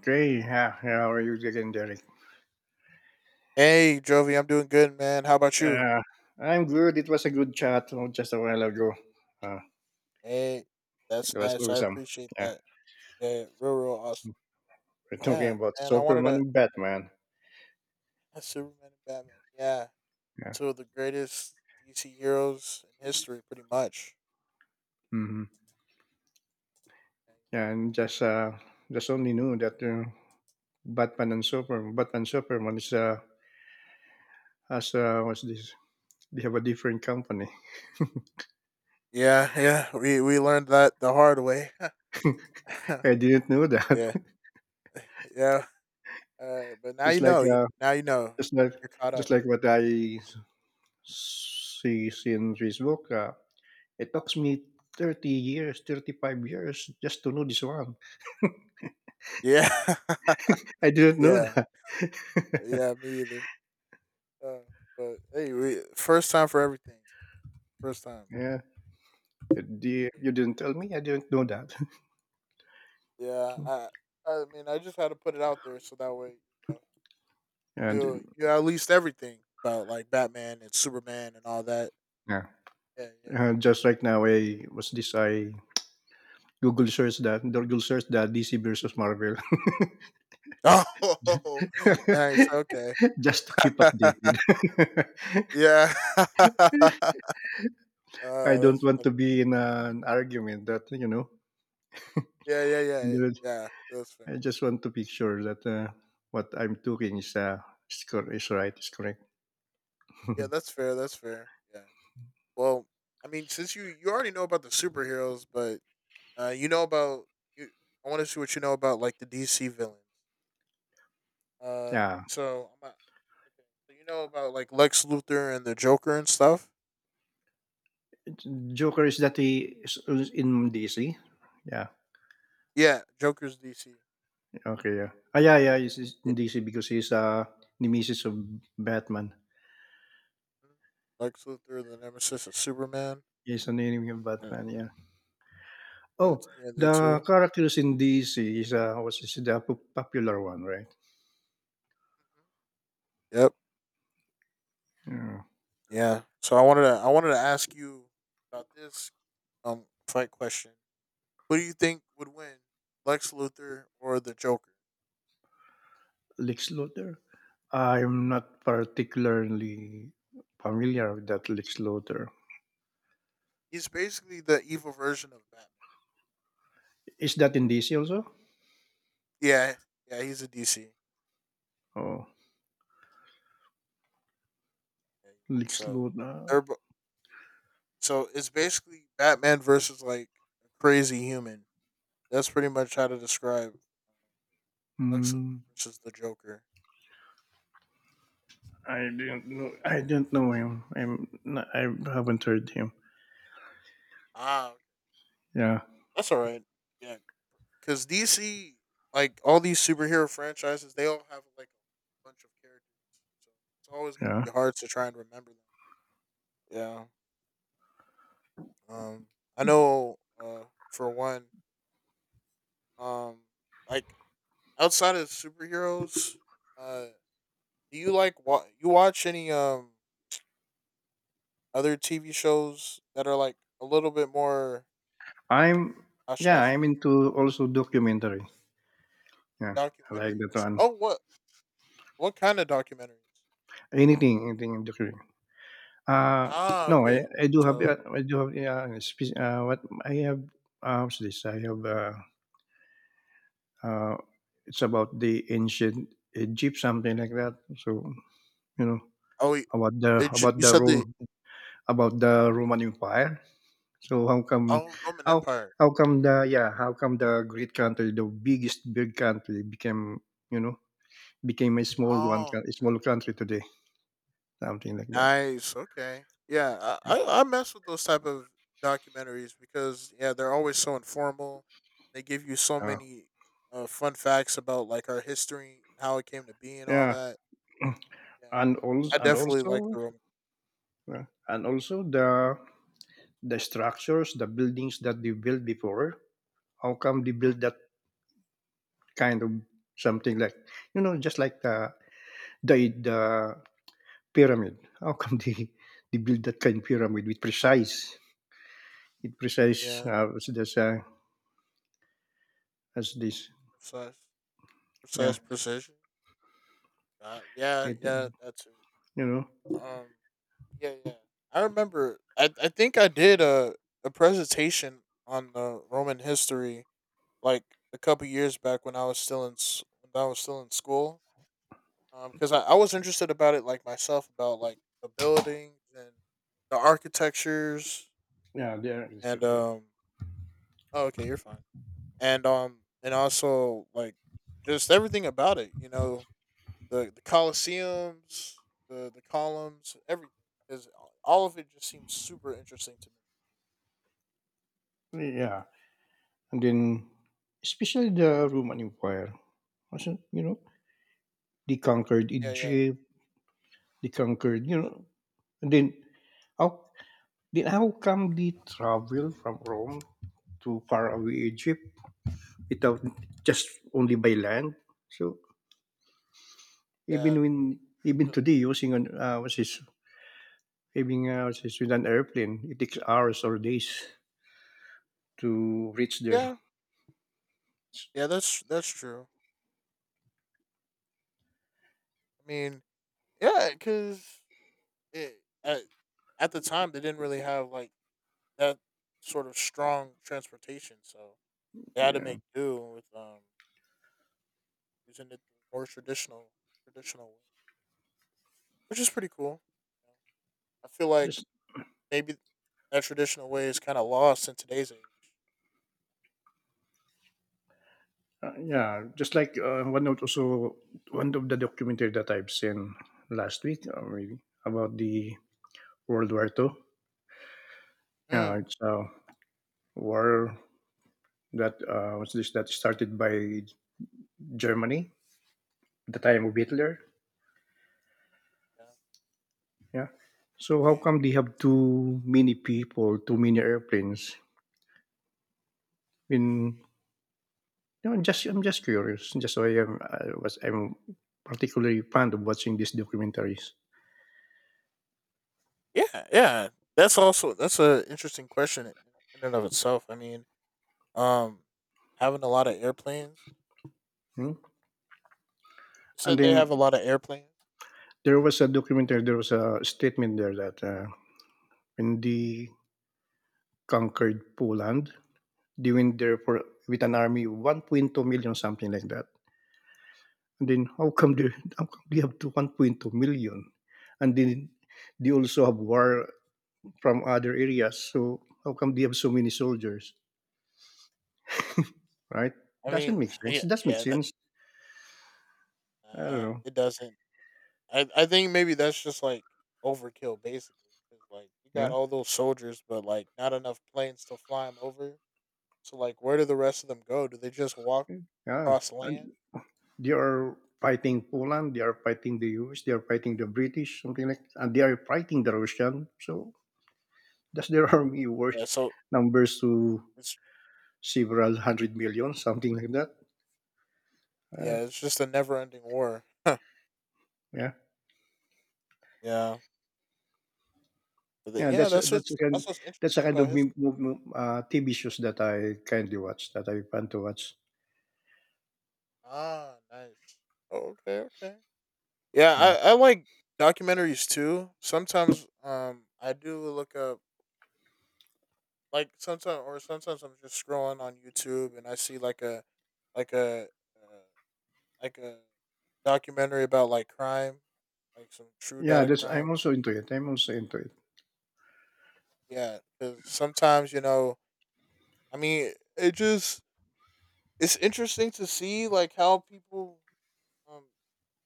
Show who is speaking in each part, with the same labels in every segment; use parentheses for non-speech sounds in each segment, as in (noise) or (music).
Speaker 1: Great. How are you again, Derek?
Speaker 2: Hey, Jovi, I'm doing good, man. How about you?
Speaker 1: Uh, I'm good. It was a good chat just a while ago. Uh,
Speaker 2: Hey, that's
Speaker 1: it was
Speaker 2: nice. I
Speaker 1: awesome.
Speaker 2: appreciate
Speaker 1: Yeah.
Speaker 2: that. Yeah, real, real awesome.
Speaker 1: We're talking
Speaker 2: Yeah,
Speaker 1: about
Speaker 2: and I wanted
Speaker 1: Superman
Speaker 2: to
Speaker 1: and Batman.
Speaker 2: (laughs) Superman and Batman. Yeah,
Speaker 1: Yeah.
Speaker 2: two of the greatest DC heroes in history, pretty much.
Speaker 1: hmm Yeah, and just only knew that Batman and Superman, Batman Superman is has what's this? They have a different company.
Speaker 2: Yeah, yeah, we learned that the hard way. (laughs)
Speaker 1: (laughs) I didn't know that.
Speaker 2: Yeah, yeah.
Speaker 1: (laughs)
Speaker 2: But now
Speaker 1: it's
Speaker 2: you
Speaker 1: like
Speaker 2: know. You now you know.
Speaker 1: just like
Speaker 2: You're caught up.
Speaker 1: just like see in Facebook. It took me 30 years, 35 years just to know this one.
Speaker 2: Yeah, (laughs)
Speaker 1: I didn't know
Speaker 2: yeah,
Speaker 1: that. (laughs)
Speaker 2: yeah. Me either. Uh, but hey, we first time for everything. First time.
Speaker 1: yeah. You didn't tell me. I didn't know that.
Speaker 2: Yeah, I
Speaker 1: (laughs)
Speaker 2: I mean I just had to put it out there so that way you know you knew
Speaker 1: and
Speaker 2: you had at least everything about like Batman and Superman and all that.
Speaker 1: yeah.
Speaker 2: Yeah, yeah.
Speaker 1: And just right now, I Google Google search that DC versus Marvel.
Speaker 2: (laughs) Oh, nice. Okay.
Speaker 1: (laughs) just to keep
Speaker 2: (laughs)
Speaker 1: updated. (laughs)
Speaker 2: yeah. (laughs) uh,
Speaker 1: I don't
Speaker 2: that's
Speaker 1: want
Speaker 2: funny.
Speaker 1: to be in an argument that,
Speaker 2: Yeah, yeah, yeah,
Speaker 1: in
Speaker 2: yeah.
Speaker 1: the-
Speaker 2: Yeah, that's fair.
Speaker 1: I just want to be sure that what I'm doing is, cor- is right, is correct.
Speaker 2: Yeah, that's fair. That's fair. Yeah. Well, I mean, since you already know about the superheroes, but you know about you, I want to see what you know about like the DC villains.
Speaker 1: (laughs)
Speaker 2: Uh,
Speaker 1: yeah.
Speaker 2: so I'm not, Okay. So you know about like Lex Luthor and the Joker and stuff?
Speaker 1: Joker is that he is in DC? Yeah.
Speaker 2: Yeah, Joker's DC.
Speaker 1: Okay. Yeah. Ah, yeah, yeah. He's
Speaker 2: Yeah.
Speaker 1: in DC because he's nemesis of Batman.
Speaker 2: Mhm. Lex Luthor, the nemesis of Superman.
Speaker 1: He's an enemy of
Speaker 2: Yeah,
Speaker 1: Batman. Yeah. Oh,
Speaker 2: yeah, that
Speaker 1: the
Speaker 2: too.
Speaker 1: characters in DC is the popular one, right?
Speaker 2: Mhm. Yep.
Speaker 1: Yeah.
Speaker 2: Yeah. So I wanted to ask you about this fight question. Who do you think would win, Lex Luthor or the Joker?
Speaker 1: Lex Luthor. I'm not particularly familiar with that Lex Luthor.
Speaker 2: He's basically the evil version of Batman.
Speaker 1: Is that in DC also?
Speaker 2: Yeah. Yeah. He's a DC.
Speaker 1: Oh,
Speaker 2: Yeah.
Speaker 1: Lex
Speaker 2: So
Speaker 1: Luthor.
Speaker 2: they're bo- So it's basically Batman versus like a crazy human. That's pretty much how to describe Lex Luthor
Speaker 1: Hmm.
Speaker 2: versus the Joker.
Speaker 1: I didn't know. I didn't know him. I haven't heard him.
Speaker 2: Ah, okay,
Speaker 1: Yeah,
Speaker 2: that's all right. Yeah, because DC, like all these superhero franchises, they all have like a bunch of characters, so it's always going to
Speaker 1: yeah.
Speaker 2: be hard to try and remember them. Yeah. I know. For one, um, like outside of superheroes, uh, do you like you watch any other TV shows that are like a little bit more
Speaker 1: I'm.
Speaker 2: how should I
Speaker 1: Yeah,
Speaker 2: say
Speaker 1: I'm
Speaker 2: it?
Speaker 1: into also documentary. Yeah, I like that
Speaker 2: Documentaries.
Speaker 1: one.
Speaker 2: Oh, what kind of documentaries?
Speaker 1: Anything, anything in documentary. Uh
Speaker 2: Ah,
Speaker 1: no,
Speaker 2: okay.
Speaker 1: I do have.
Speaker 2: So
Speaker 1: I do have. Yeah, spe- what I have. What's this? I have. Uh, it's about the ancient Egypt, something like that. So you know
Speaker 2: oh y-
Speaker 1: about the
Speaker 2: it, j- you said the
Speaker 1: Rome, about the Roman Empire. So
Speaker 2: oh Roman
Speaker 1: how
Speaker 2: Empire.
Speaker 1: how come the yeah how come the great country the biggest big country became you know became a small
Speaker 2: Oh,
Speaker 1: a small country today something like that
Speaker 2: nice, okay. Yeah, I mess with those type of documentaries because yeah, they're always so informal. They give you so
Speaker 1: uh,
Speaker 2: many fun facts about like our history, how it came to be, and all
Speaker 1: yeah
Speaker 2: that. Yeah,
Speaker 1: and
Speaker 2: I
Speaker 1: also
Speaker 2: definitely like the Roman.
Speaker 1: the structures the buildings that they built before how come they
Speaker 2: Mm,
Speaker 1: built that kind of something like you know just like the pyramid how come (laughs) they build that kind of pyramid with precise
Speaker 2: yeah,
Speaker 1: there's a as this.
Speaker 2: precisely.
Speaker 1: Yeah,
Speaker 2: Precise precision. Yeah,
Speaker 1: it, you
Speaker 2: yeah, that too.
Speaker 1: know,
Speaker 2: Um, yeah, yeah. I remember. I think I did a presentation on Roman history like a couple years back when I was still in when I was still in school. Because I was interested about it like myself, about like the buildings and the architectures
Speaker 1: yeah, they are
Speaker 2: and
Speaker 1: distributors.
Speaker 2: Oh, okay, you're fine. And also like just everything about it. You know, the Colosseums, the columns, everything is all of it just seems super interesting to me.
Speaker 1: Yeah, and then especially the Roman Empire. Also, you know, they conquered
Speaker 2: Yeah, yeah.
Speaker 1: Egypt. They conquered, you
Speaker 2: Uh,
Speaker 1: know, and how then how come they travel from Rome to far away Egypt without just only by land? So
Speaker 2: yeah, yeah,
Speaker 1: even
Speaker 2: 'cause-
Speaker 1: today using an what's this having what's this with an airplane, it takes hours or days to reach there.
Speaker 2: yeah, yeah, that's true. I mean, yeah, because at at the time they didn't really have like that sort of strong transportation, so they had to
Speaker 1: Yeah,
Speaker 2: make do with using it the more traditional traditional way, which is pretty cool. I feel like
Speaker 1: just
Speaker 2: maybe that traditional way is kind of lost in today's age.
Speaker 1: Yeah, just like one note also, one of the documentary that I've seen last week really, about the World War Two. Yeah,
Speaker 2: Mm.
Speaker 1: it's a war that was this that started by Germany at the time of Hitler.
Speaker 2: Yeah.
Speaker 1: Yeah. So
Speaker 2: Oh
Speaker 1: how
Speaker 2: yeah.
Speaker 1: come they have too many people, too many airplanes? In you know, I'm just curious. Just so I am I was I'm particularly fond of watching these documentaries.
Speaker 2: Yeah, yeah. That's also that's an interesting question in and of itself. I mean, um, having a lot of airplanes. You
Speaker 1: Hmm? And
Speaker 2: said they have
Speaker 1: then
Speaker 2: a lot of airplanes.
Speaker 1: there was a documentary, there was a statement there that when they conquered Poland, they went there for with an army 1.2 million, something like that. And then how come they have to 1.2 million? And then they also have war from other areas. So how come they have so many soldiers, right?
Speaker 2: I mean,
Speaker 1: Doesn't make
Speaker 2: yeah,
Speaker 1: sense. It does make
Speaker 2: yeah. That
Speaker 1: sense. I don't know.
Speaker 2: it doesn't. I think maybe that's just like overkill, basically. 'Cause like you got
Speaker 1: Yeah.
Speaker 2: all those soldiers, but like not enough planes to fly them over. So like, where do the rest of them go? Do they just walk
Speaker 1: Yeah.
Speaker 2: across land?
Speaker 1: They are fighting Poland. They are fighting the U.S. They are fighting the British, something like, and they are fighting the Russian. So does their (laughs)
Speaker 2: Hmm.
Speaker 1: army worth
Speaker 2: Yeah. So
Speaker 1: numbers to
Speaker 2: it's
Speaker 1: several hundred million, something like that?
Speaker 2: yeah,
Speaker 1: Right.
Speaker 2: it's just a never-ending war. (laughs)
Speaker 1: Yeah,
Speaker 2: Yeah. But then
Speaker 1: yeah.
Speaker 2: yeah,
Speaker 1: That's a kind
Speaker 2: that's what's interesting about
Speaker 1: of
Speaker 2: history.
Speaker 1: TV shows that I kindly watch, that I plan to watch.
Speaker 2: Ah, nice. Oh, okay, okay. Yeah,
Speaker 1: Mm.
Speaker 2: I like documentaries too. Sometimes I do look up like sometimes or sometimes I'm just scrolling on YouTube and I see like like a uh, a documentary about like crime, like some true
Speaker 1: Yeah,
Speaker 2: data
Speaker 1: that's.
Speaker 2: crime.
Speaker 1: I'm also into it. I'm also into it.
Speaker 2: Yeah, because sometimes you know, I mean, it's interesting to see like how people um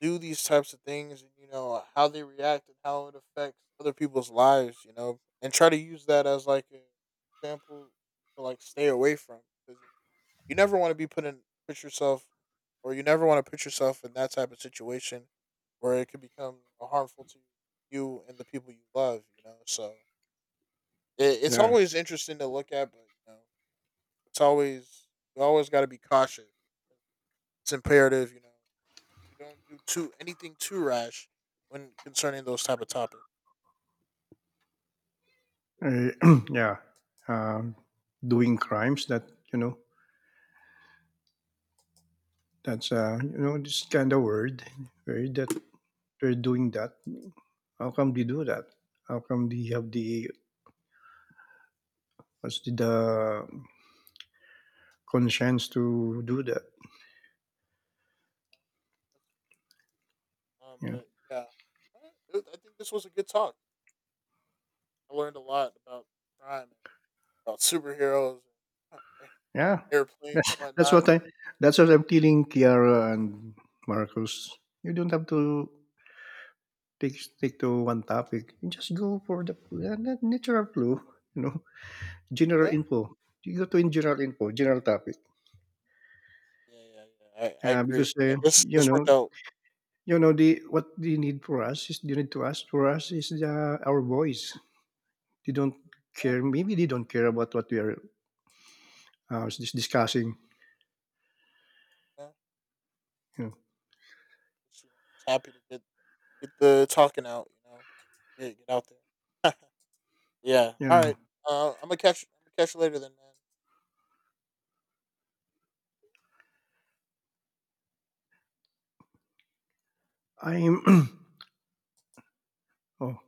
Speaker 2: do these types of things and you know how they react and how it affects other people's lives, you know, and try to use that as like a example to like stay away from, because you never want to be put yourself, or you never want to put yourself in that type of situation where it could become harmful to you and the people you love, you know, so it's
Speaker 1: Yeah,
Speaker 2: always interesting to look at, but you know it's always you always got to be cautious, it's imperative, you know, you don't do too anything too rash when concerning those type of topics.
Speaker 1: Uh, (clears throat) yeah. Um, doing crimes that you know. That's you know this kind of word, word that they're doing that? How come they do that? How come they have the the conscience to do that?
Speaker 2: Um,
Speaker 1: Yeah,
Speaker 2: but yeah, Uh, I think this was a good talk. I learned a lot about crime, and about superheroes, and
Speaker 1: yeah.
Speaker 2: (laughs) airplanes, and
Speaker 1: That's
Speaker 2: whatnot.
Speaker 1: what I that's what I'm telling Kiara and Marcus. You don't have to take stick to one topic. You just go for the natural flow. You know, general
Speaker 2: Yeah,
Speaker 1: info. You go to in general info, general topic.
Speaker 2: yeah, yeah, yeah. I agree.
Speaker 1: Because
Speaker 2: Yeah, this this worked out.
Speaker 1: you know the what they need for us is they need to ask for us is our voice. They don't
Speaker 2: Yeah,
Speaker 1: care. Maybe they don't care about what we are discussing.
Speaker 2: yeah.
Speaker 1: Yeah.
Speaker 2: Just, you know, just happy to get the talking out. You know, get out there. (laughs) Yeah. All
Speaker 1: Yeah.
Speaker 2: right. I'm gonna catch you later then, man.
Speaker 1: I'm. (clears throat) oh,